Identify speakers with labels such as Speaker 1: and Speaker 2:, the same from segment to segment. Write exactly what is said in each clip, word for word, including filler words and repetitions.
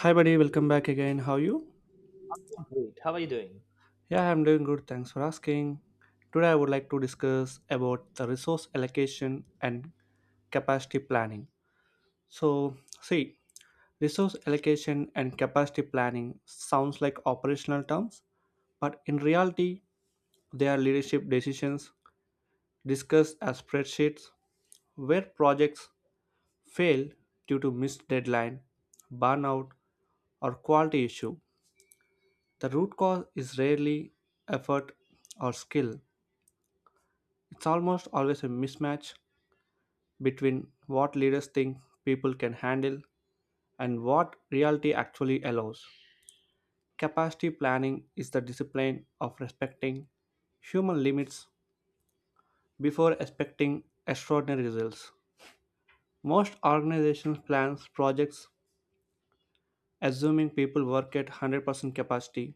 Speaker 1: Hi, buddy. Welcome back again. How are you?
Speaker 2: Great. How are you doing?
Speaker 1: Yeah, I'm doing good. Thanks for asking. Today, I would like to discuss about the resource allocation and capacity planning. So, see, Resource allocation and capacity planning sounds like operational terms, but in reality, they are leadership decisions discussed as spreadsheets where projects fail due to missed deadline, burnout, or quality issue. The root cause is rarely effort or skill. It's almost always a mismatch between what leaders think people can handle and what reality actually allows. Capacity planning is the discipline of respecting human limits before expecting extraordinary results. Most organizations plan projects assuming people work at one hundred percent capacity.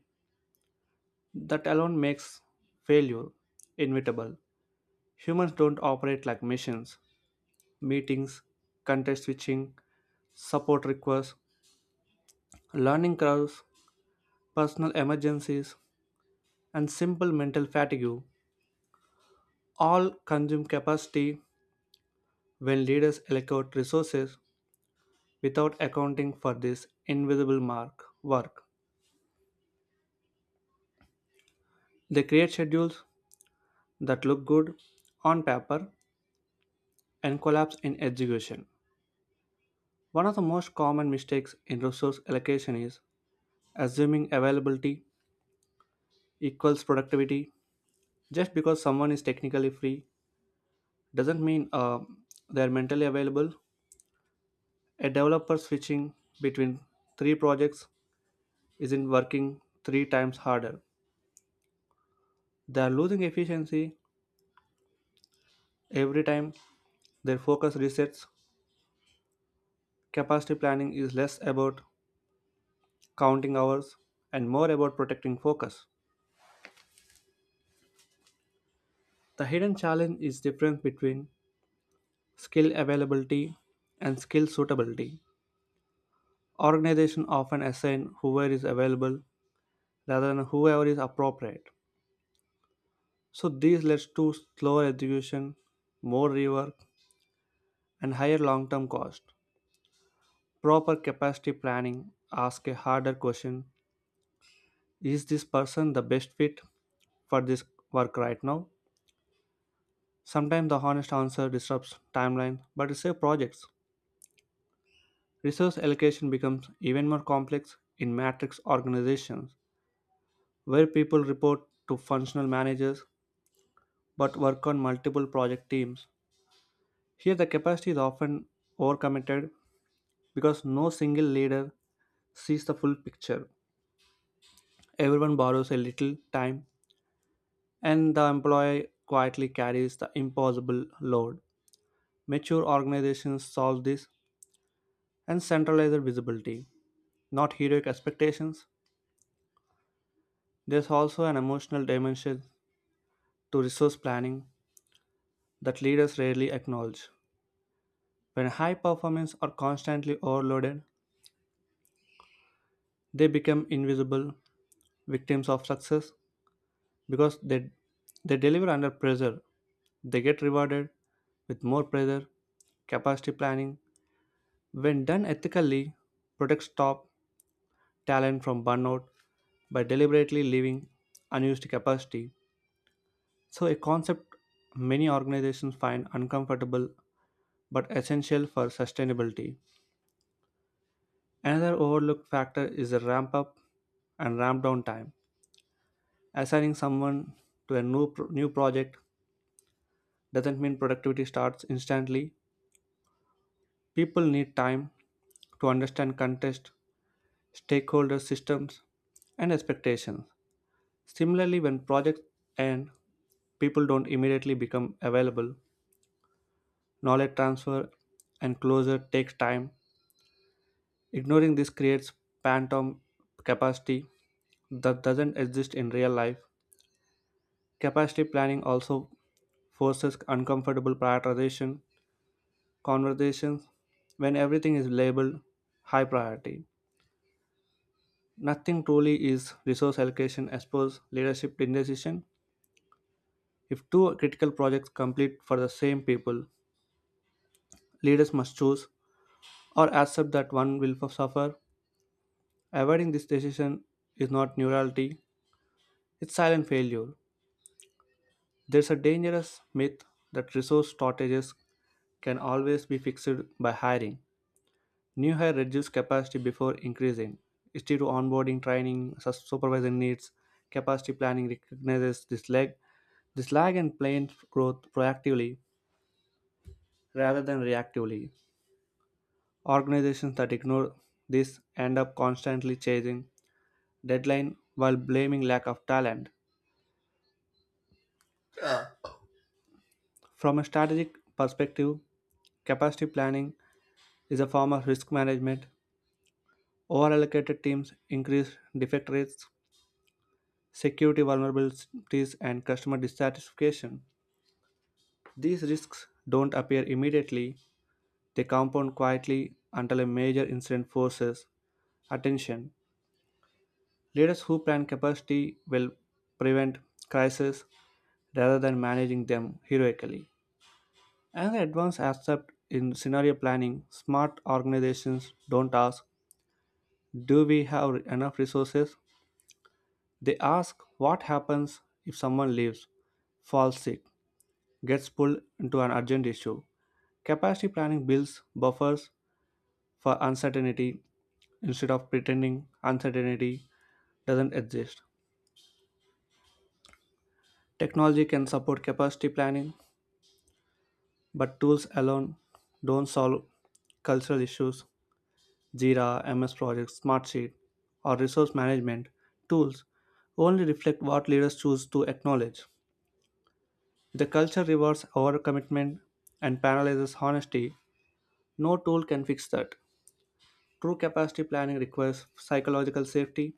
Speaker 1: That alone makes failure inevitable. Humans don't operate like machines. Meetings, context switching, support requests, learning curves, personal emergencies, and simple mental fatigue all consume capacity when leaders allocate resources without accounting for this invisible mark work. They create schedules that look good on paper and collapse in execution. One of the most common mistakes in resource allocation is assuming availability equals productivity just because someone is technically free doesn't mean uh, they're mentally available. A developer switching between three projects isn't working three times harder. They are losing efficiency every time their focus resets. Capacity planning is less about counting hours and more about protecting focus. The hidden challenge is difference between skill availability and skill suitability. Organizations often assign whoever is available rather than whoever is appropriate. So this leads to slower execution, more rework, and higher long-term cost. Proper capacity planning asks a harder question. Is this person the best fit for this work right now? Sometimes the honest answer disrupts timeline, but it saves projects. Resource allocation becomes even more complex in matrix organizations, where people report to functional managers but work on multiple project teams. Here the capacity is often overcommitted because no single leader sees the full picture. Everyone borrows a little time, and the employee quietly carries the impossible load. Mature organizations solve this and centralize visibility, not heroic expectations. There's also an emotional dimension to resource planning that leaders rarely acknowledge. When high performers are constantly overloaded, they become invisible victims of success because they they deliver under pressure. They get rewarded with more pressure. Capacity planning, when done ethically, protects top talent from burnout by deliberately leaving unused capacity. So, a concept many organizations find uncomfortable but essential for sustainability. Another overlooked factor is the ramp up and ramp down time. Assigning someone to a new, pro- new project doesn't mean productivity starts instantly. People need time to understand context, stakeholder systems, and expectations. Similarly, when projects end, people don't immediately become available. Knowledge transfer and closure takes time. Ignoring this creates phantom capacity that doesn't exist in real life. Capacity planning also forces uncomfortable prioritization conversations when everything is labeled high priority. Nothing truly is resource allocation as per leadership indecision. If two critical projects complete for the same people, leaders must choose or accept that one will suffer. Avoiding this decision is not neutrality, it's silent failure. There's a dangerous myth that resource shortages can always be fixed by hiring. New hire reduce capacity before increasing. It's due to onboarding, training, sus- supervisor needs. Capacity planning recognizes this lag, this lag and planned growth proactively rather than reactively. Organizations that ignore this end up constantly chasing deadline while blaming lack of talent. From a strategic perspective, capacity planning is a form of risk management. Overallocated teams increase defect rates, security vulnerabilities, and customer dissatisfaction. These risks don't appear immediately, they compound quietly until a major incident forces attention. Leaders who plan capacity will prevent crises rather than managing them heroically. Another advanced aspect in scenario planning, smart organizations don't ask, "Do we have enough resources?" They ask, "What happens if someone leaves, falls sick, gets pulled into an urgent issue." Capacity planning builds buffers for uncertainty instead of pretending uncertainty doesn't exist. Technology can support capacity planning, but tools alone don't solve cultural issues. Jira, M S Projects, Smartsheet, or resource management tools only reflect what leaders choose to acknowledge. If the culture rewards overcommitment and penalizes honesty, no tool can fix that. True capacity planning requires psychological safety.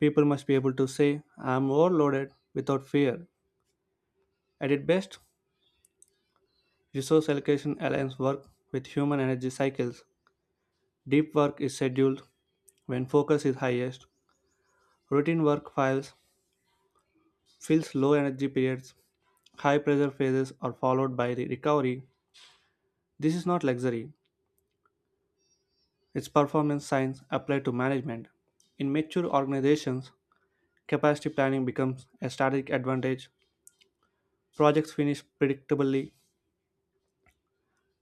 Speaker 1: People must be able to say, "I am overloaded" without fear. At its best, resource allocation aligns work with human energy cycles. Deep work is scheduled when focus is highest. Routine work files fills low energy periods. High pressure phases are followed by the recovery. This is not luxury. It's performance science applied to management. In mature organizations, capacity planning becomes a strategic advantage. Projects finish predictably,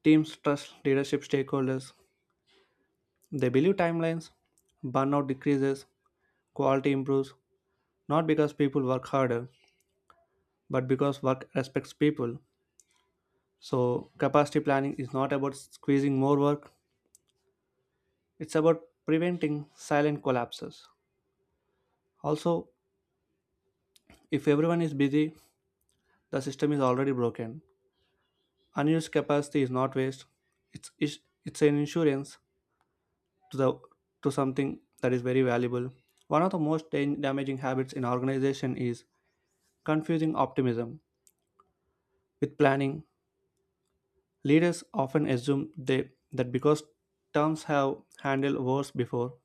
Speaker 1: teams trust leadership stakeholders, they believe timelines, burnout decreases, quality improves, not because people work harder, but because work respects people. So, capacity planning is not about squeezing more work, it's about preventing silent collapses. Also, if everyone is busy, the system is already broken. Unused capacity is not waste, it's, it's it's an insurance to the to something that is very valuable. One of the most dan- damaging habits in organization is confusing optimism with planning. Leaders often assume they that because terms have handled wars before,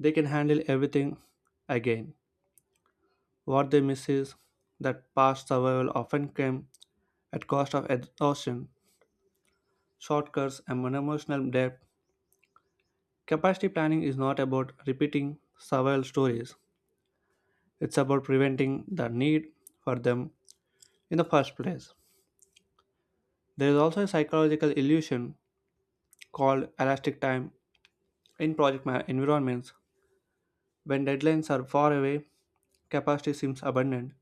Speaker 1: they can handle everything again. What they miss is that past survival often came at cost of exhaustion, shortcuts, and emotional depth. Capacity planning is not about repeating survival stories. It's about preventing the need for them in the first place. There is also a psychological illusion called elastic time in project ma- environments. When deadlines are far away, capacity seems abundant.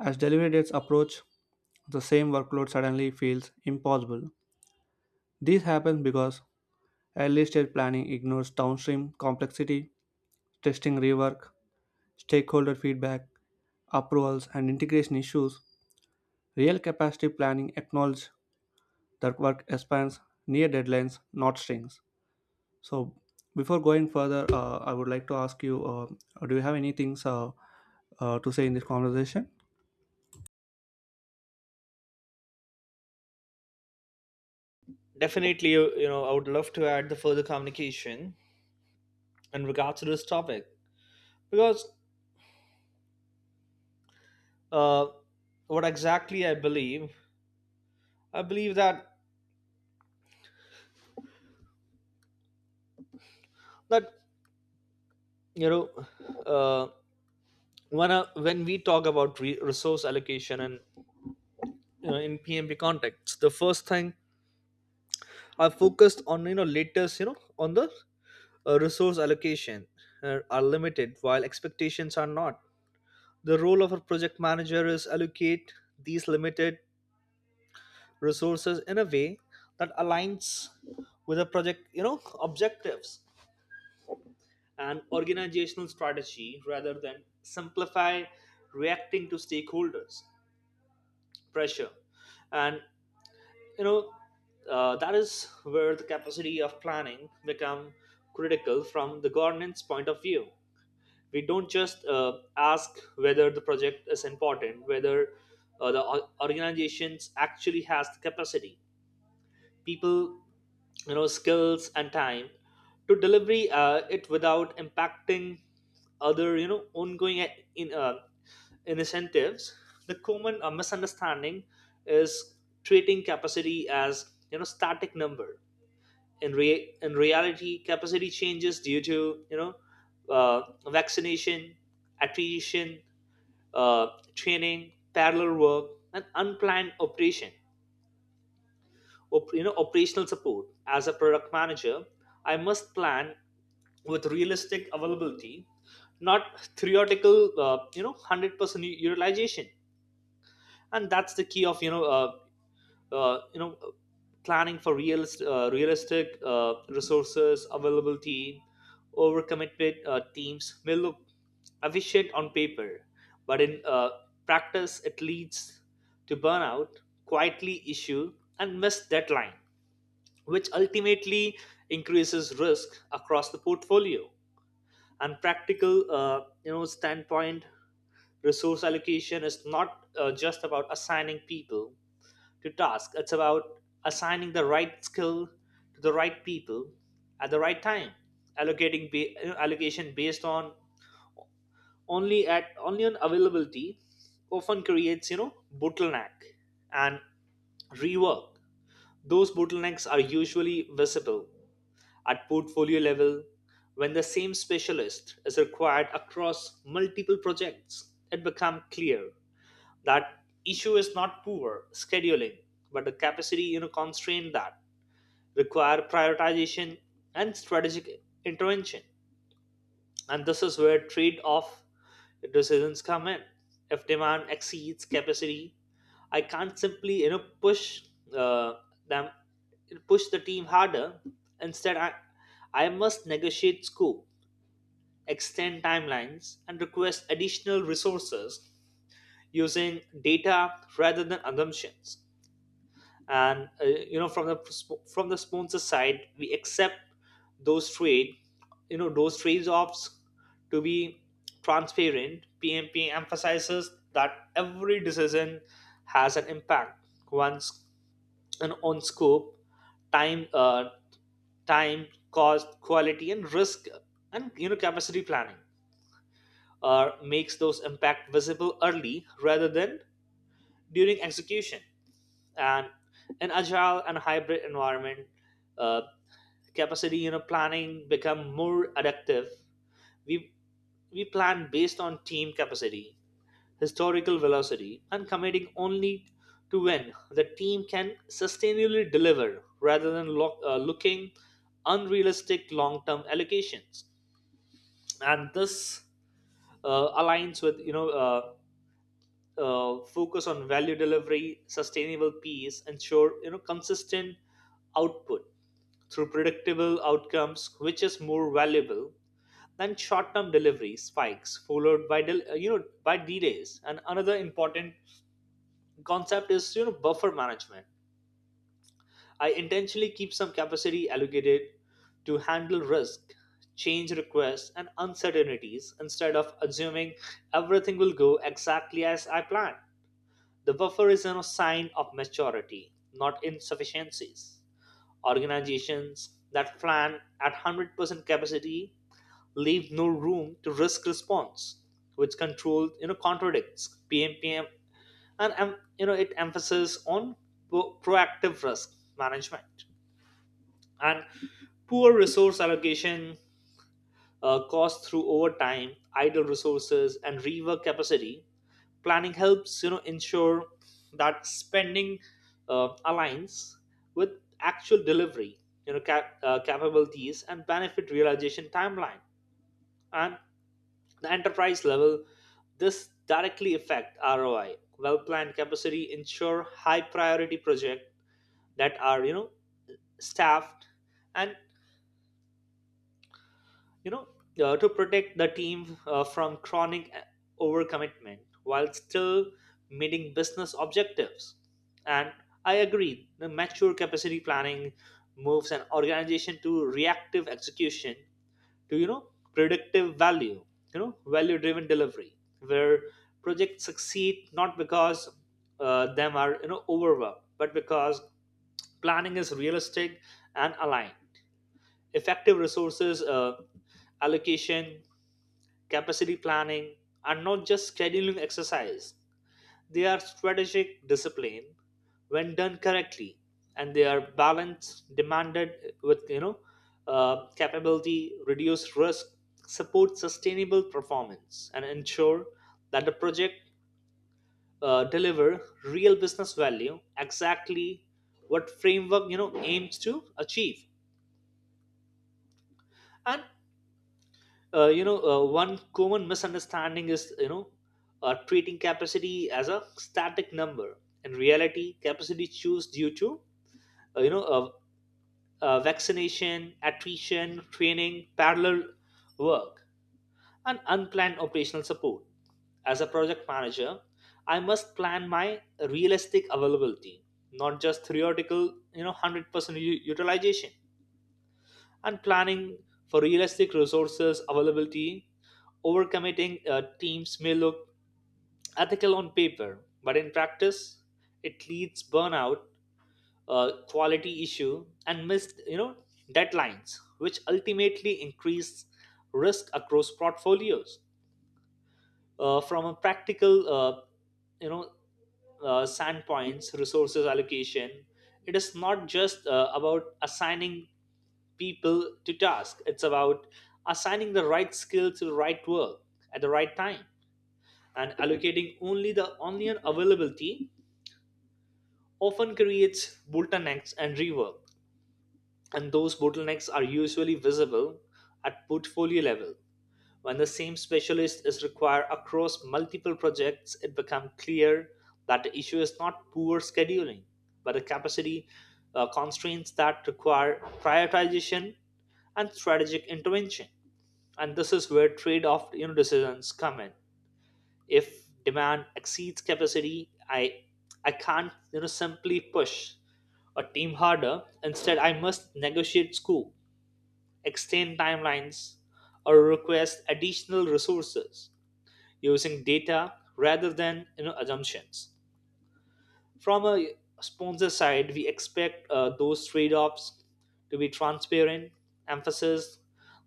Speaker 1: As delivery dates approach, the same workload suddenly feels impossible. This happens because early stage planning ignores downstream complexity, testing rework, stakeholder feedback, approvals, and integration issues. Real capacity planning acknowledges that work expands near deadlines, not strings. So, before going further, uh, I would like to ask you uh, do you have any things uh, uh, to say in this conversation?
Speaker 2: Definitely, you, you know, I would love to add the further communication in regards to this topic because uh, what exactly I believe, I believe that that you know, uh, when uh, when we talk about re- resource allocation and you know, in P M P context, the first thing I focused on you know latest you know on the uh, resource allocation uh, are limited while expectations are not. The role of a project manager is allocate these limited resources in a way that aligns with the project you know objectives and organizational strategy rather than simplify reacting to stakeholders pressure and you know uh, that is where the capacity of planning become critical from the governance point of view. We don't just uh, ask whether the project is important, whether uh, the or- organizations actually has the capacity, people, you know skills and time to delivery uh, it without impacting other you know ongoing a- in uh, incentives. The common uh, misunderstanding is treating capacity as you know static number. In rea- in reality capacity changes due to you know uh, vaccination, attrition, uh, training, parallel work, and unplanned operation op- you know operational support. As a product manager, I must plan with realistic availability, not theoretical, uh, you know one hundred percent utilization. And that's the key of you know uh, uh, you know uh, planning for realist, uh, realistic uh, resources availability. Overcommitted uh, teams may look efficient on paper, but in uh, practice it leads to burnout, quietly issue, and missed deadline, which ultimately increases risk across the portfolio. And practical, uh, you know, standpoint, resource allocation is not uh, just about assigning people to tasks. It's about assigning the right skill to the right people at the right time, allocating ba- you know, allocation based on only at only on availability often creates you know bottleneck and rework. Those bottlenecks are usually visible at portfolio level. When the same specialist is required across multiple projects, it becomes clear that issue is not poor scheduling, but the capacity, you know, constraint that require prioritization and strategic intervention. And this is where trade-off decisions come in. If demand exceeds capacity, I can't simply you know push uh, them push the team harder. Instead, I I must negotiate scope, extend timelines, and request additional resources using data rather than assumptions. And uh, you know, from the from the sponsor side, we accept those trade, you know, those trade-offs to be transparent. P M P emphasizes that every decision has an impact once and on scope, time, uh, time, cost, quality, and risk, and you know, capacity planning or makes those impact visible early rather than during execution. And in agile and hybrid environment, uh, capacity you know planning become more adaptive. We we plan based on team capacity, historical velocity, and committing only to when the team can sustainably deliver rather than lo- uh, looking unrealistic long-term allocations. And this uh, aligns with you know uh, uh, focus on value delivery, sustainable peace, ensure you know consistent output through predictable outcomes, which is more valuable than short-term delivery spikes followed by del- uh, you know by delays. And another important concept is you know buffer management. I intentionally keep some capacity allocated to handle risk, change requests, and uncertainties instead of assuming everything will go exactly as I planned. The buffer is a sign of maturity, not insufficiencies. Organizations that plan at one hundred percent capacity leave no room to risk response, which control you know contradicts P M P M and um, you know it emphasis on pro- proactive risk management. And poor resource allocation uh, costs through overtime, idle resources, and rework. Capacity planning helps you know ensure that spending uh, aligns with actual delivery, you know cap- uh, capabilities and benefit realization timeline. And the enterprise level, this directly affect R O I. Well planned capacity ensure high priority project that are you know staffed and you know, uh, to protect the team uh, from chronic uh, overcommitment while still meeting business objectives. And I agree, the mature capacity planning moves an organization to reactive execution to, you know, predictive value, you know, value driven delivery, where projects succeed not because uh, them are, you know, overworked, but because planning is realistic and aligned. Effective resources uh, allocation, capacity planning are not just scheduling exercise, they are strategic discipline when done correctly, and they are balance demanded with you know uh, capability, reduce risk, support sustainable performance, and ensure that the project uh, deliver real business value, exactly what framework you know aims to achieve. And uh, you know uh, one common misunderstanding is you know uh, treating capacity as a static number. In reality, capacity choose due to uh, you know uh, uh, vaccination, attrition, training, parallel work, and unplanned operational support. As a project manager, I must plan my realistic availability, not just theoretical, you know one hundred percent u- utilization, and planning for realistic resources availability. Overcommitting uh, teams may look ethical on paper, but in practice, it leads burnout, uh, quality issue, and missed, you know deadlines, which ultimately increase risk across portfolios. Uh, from a practical, uh, you know uh, standpoints, resources allocation, it is not just uh, about assigning people to task. It's about assigning the right skill to the right work at the right time, and allocating only the only an availability often creates bottlenecks and rework. And those bottlenecks are usually visible at portfolio level. When the same specialist is required across multiple projects, it becomes clear that the issue is not poor scheduling, but the capacity, uh, constraints that require prioritization and strategic intervention. And this is where trade-off, you know, decisions come in. If demand exceeds capacity, I I can't you know simply push a team harder. Instead, I must negotiate scope, extend timelines, or request additional resources using data rather than you know assumptions. From a sponsor side, we expect uh, those trade-offs to be transparent. Emphasis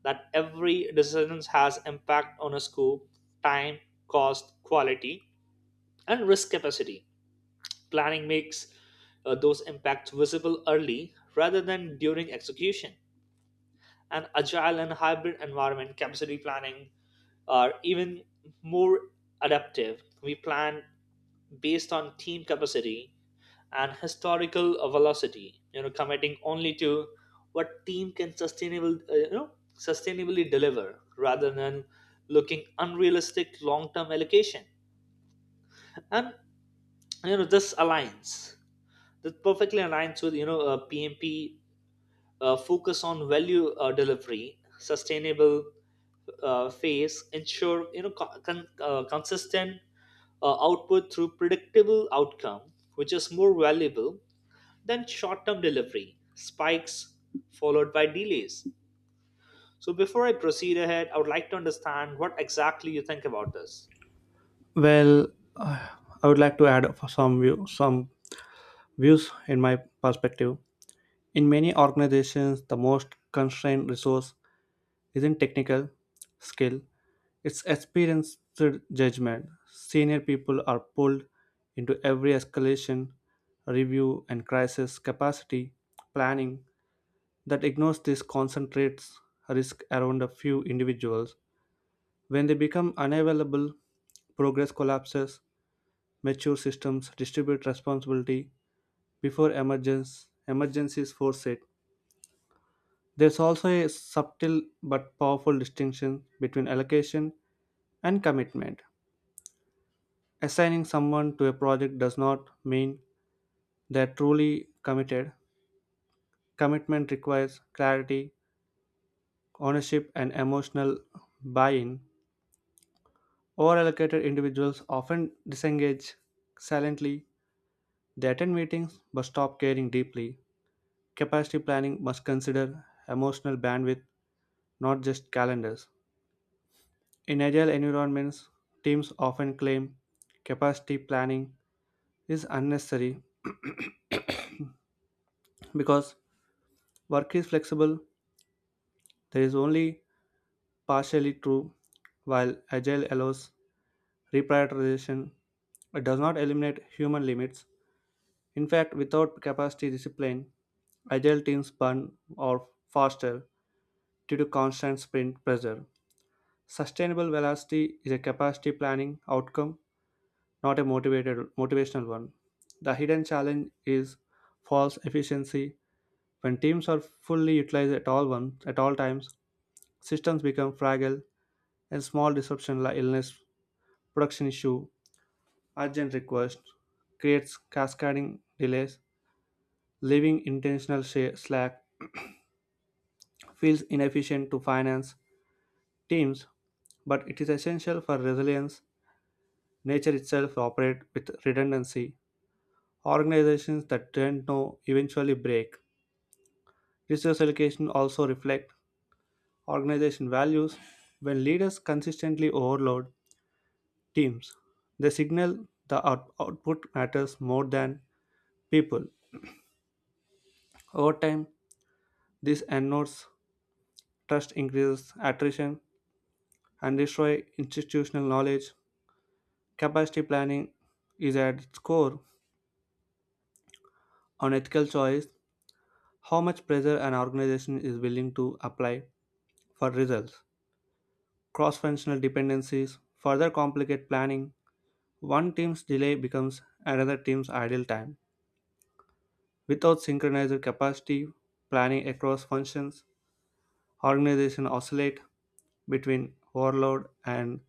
Speaker 2: that every decision has impact on a scope, time, cost, quality, and risk. Capacity planning makes uh, those impacts visible early rather than during execution. An agile and hybrid environment, capacity planning are even more adaptive. We plan based on team capacity and historical uh, velocity, you know committing only to what team can sustainable uh, you know sustainably deliver rather than looking unrealistic long-term allocation. And you know this aligns, this perfectly aligns with you know uh, P M P uh, focus on value uh, delivery, sustainable uh, phase, ensure you know co- con- uh, consistent uh, output through predictable outcome, which is more valuable than short-term delivery spikes followed by delays. So before I proceed ahead, I would like to understand what exactly you think about this.
Speaker 1: Well, uh, I would like to add up some view, some views in my perspective. In many organizations, the most constrained resource isn't technical skill. It's experienced judgment. Senior people are pulled into every escalation, review, and crisis capacity planning that ignores this concentrates risk around a few individuals. When they become unavailable, progress collapses, mature systems distribute responsibility before emergence, emergencies force it. There's also a subtle but powerful distinction between allocation and commitment. Assigning someone to a project does not mean they're truly committed. Commitment requires clarity, ownership, and emotional buy in. Overallocated individuals often disengage silently. They attend meetings but stop caring deeply. Capacity planning must consider emotional bandwidth, not just calendars. In agile environments, teams often claim capacity planning is unnecessary because work is flexible, there is only partially true. While agile allows reprioritization, it does not eliminate human limits. In fact, without capacity discipline, agile teams burn out faster due to constant sprint pressure. Sustainable velocity is a capacity planning outcome, not a motivated motivational one. The hidden challenge is false efficiency. When teams are fully utilized at all once, at all times, systems become fragile and small disruption like illness, production issue, urgent requests, creates cascading delays, leaving intentional sha- slack, feels inefficient to finance teams, but it is essential for resilience. Nature itself operates with redundancy. Organizations that don't know eventually break. Resource allocation also reflect organization values. When leaders consistently overload teams, they signal the out- output matters more than people. Over time, this erodes trust, increases attrition, and destroy institutional knowledge. Capacity planning is at its core on ethical choice, how much pressure an organization is willing to apply for results. Cross functional dependencies further complicate planning. One team's delay becomes another team's idle time. Without synchronized capacity planning across functions, organizations oscillate between overload and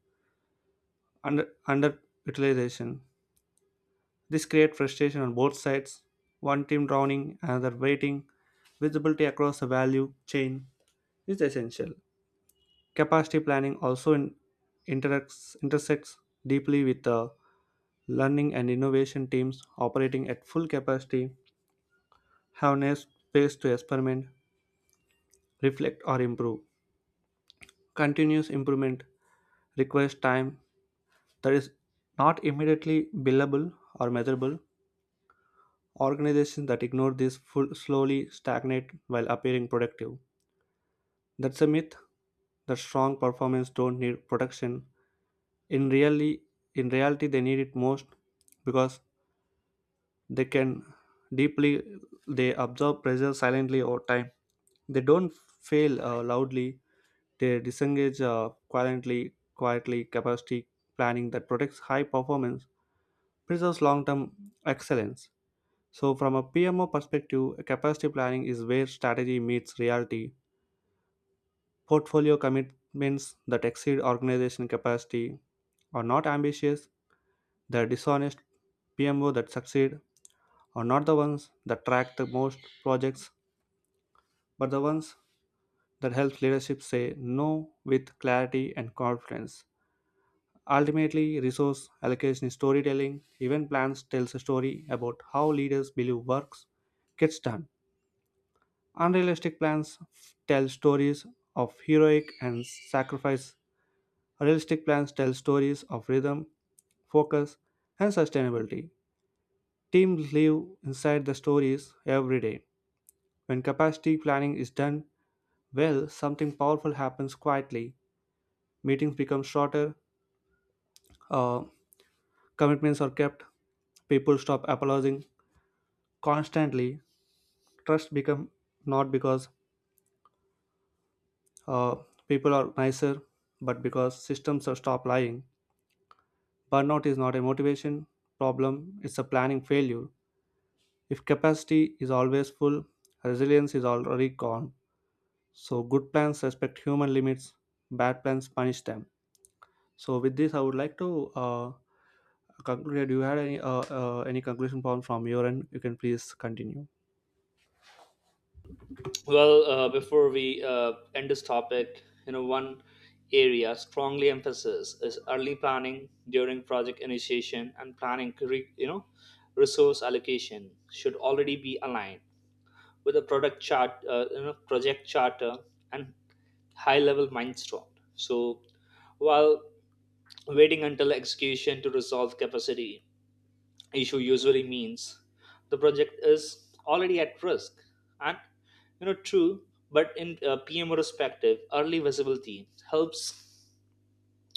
Speaker 1: under underutilization. This creates frustration on both sides, one team drowning, another waiting. Visibility across the value chain is essential. Capacity planning also in- interacts, intersects deeply with the learning and innovation teams operating at full capacity have no space to experiment, reflect, or improve. Continuous improvement requires time that is not immediately billable or measurable. Organizations that ignore this full slowly stagnate while appearing productive. That's a myth that strong performance don't need protection. In really in reality they need it most because they can deeply they absorb pressure silently over time. They don't fail uh, loudly. They disengage uh, quietly. Quietly capacity planning that protects high performance preserves long-term excellence. So, from a P M O perspective, capacity planning is where strategy meets reality. Portfolio commitments that exceed organization capacity are not ambitious, the dishonest P M O that succeed are not the ones that track the most projects, but the ones that help leadership say no with clarity and confidence. Ultimately, resource allocation is storytelling. Event plans tells a story about how leaders believe works gets done. Unrealistic plans f- tell stories of heroic and sacrifice. Realistic plans tell stories of rhythm, focus, and sustainability. Teams live inside the stories every day. When capacity planning is done well, something powerful happens quietly. Meetings become shorter, uh, commitments are kept, people stop apologizing constantly. Trust become not because uh, people are nicer, but because systems are stop lying. Burnout is not a motivation problem, it's a planning failure. If capacity is always full, resilience is already gone. So, good plans respect human limits, bad plans punish them. So, with this, I would like to uh, conclude. Do you have any, uh, uh, any conclusion point from your end? You can please continue.
Speaker 2: Well, uh, before we uh, end this topic, you know, one area strongly emphasis is early planning during project initiation and planning, curri- you know, resource allocation should already be aligned with a product chart, uh, you know, project charter and high level milestone. So while waiting until execution to resolve capacity issue usually means the project is already at risk, and you know true, but in uh, P M O perspective early visibility helps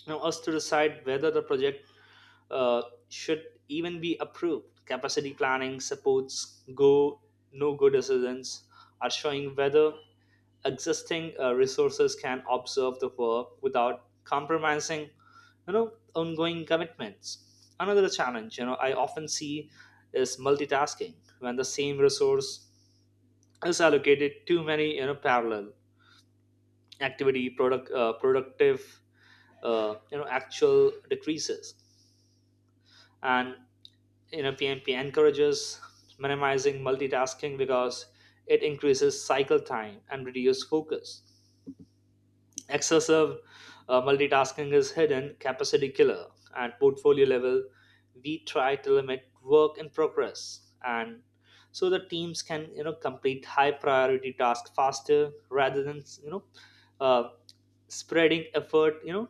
Speaker 2: you know, us to decide whether the project uh, should even be approved. Capacity planning supports go no go decisions are showing whether existing uh, resources can observe the work without compromising you know ongoing commitments. Another challenge you know I often see is multitasking. When the same resource is allocated too many you know parallel activity, product uh, productive, uh, you know actual decreases. And you know P M P encourages minimizing multitasking because it increases cycle time and reduces focus. Excessive uh, multitasking is hidden capacity killer. At portfolio level, we try to limit work in progress, and so the teams can you know complete high priority tasks faster rather than you know uh, spreading effort you know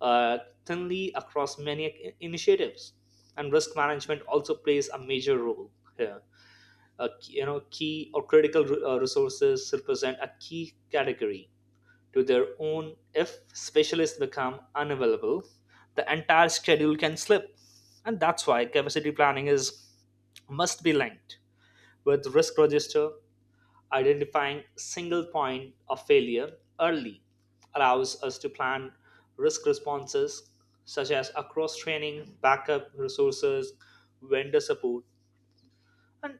Speaker 2: uh, thinly across many i- initiatives. And risk management also plays a major role here. Uh, you know, key or critical uh, resources represent a key category to their own. If specialists become unavailable, the entire schedule can slip, and that's why capacity planning is must be linked with risk register. Identifying single point of failure early allows us to plan risk responses such as across training, backup resources, vendor support, and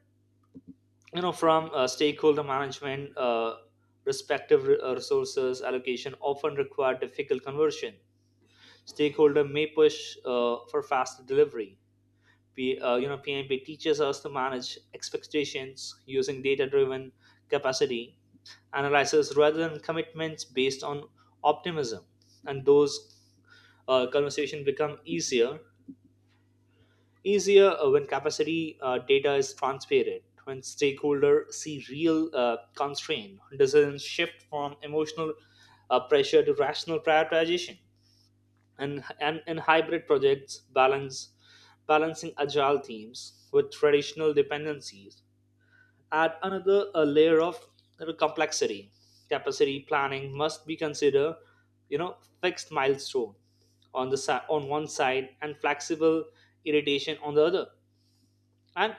Speaker 2: you know from uh, stakeholder management uh, respective re- uh, resources allocation often require difficult conversion. Stakeholder may push uh, for faster delivery. P, uh, you know, P M P teaches us to manage expectations using data-driven capacity analysis rather than commitments based on optimism. And those uh, conversation become easier easier uh, when capacity uh, data is transparent. When stakeholder see real uh, constraint, decisions shift from emotional uh, pressure to rational prioritization. And and, and hybrid projects balance balancing agile teams with traditional dependencies add another a layer of, you know, complexity. Capacity planning must be considered, you know fixed milestone on the side, on one side, and flexible irritation on the other. And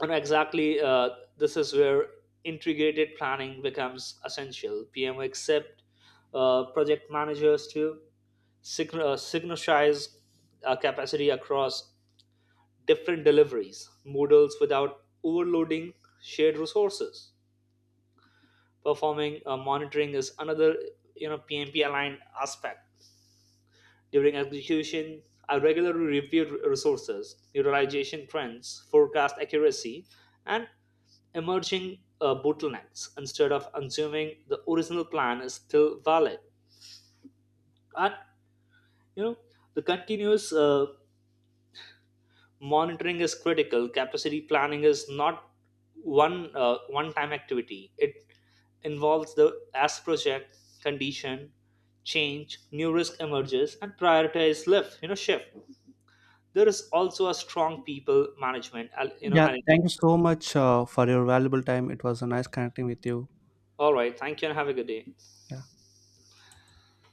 Speaker 2: and exactly, uh, this is where integrated planning becomes essential. P M accept uh, project managers to sign- uh, synchronize uh, capacity across different deliveries models without overloading shared resources. Performing uh, monitoring is another, you know P M P aligned aspect. During execution, I regularly review resources utilization trends, forecast accuracy, and emerging uh, bottlenecks instead of assuming the original plan is still valid. And you know, the continuous uh, monitoring is critical. Capacity planning is not one uh, one-time activity. It involves the as project condition change, new risk emerges and prioritize lift, you know shift. There is also a strong people management al- you know
Speaker 1: Yeah, thank
Speaker 2: element.
Speaker 1: you so much uh, for your valuable time. It was a nice connecting with you.
Speaker 2: All right, thank you and have a good day.
Speaker 1: Yeah.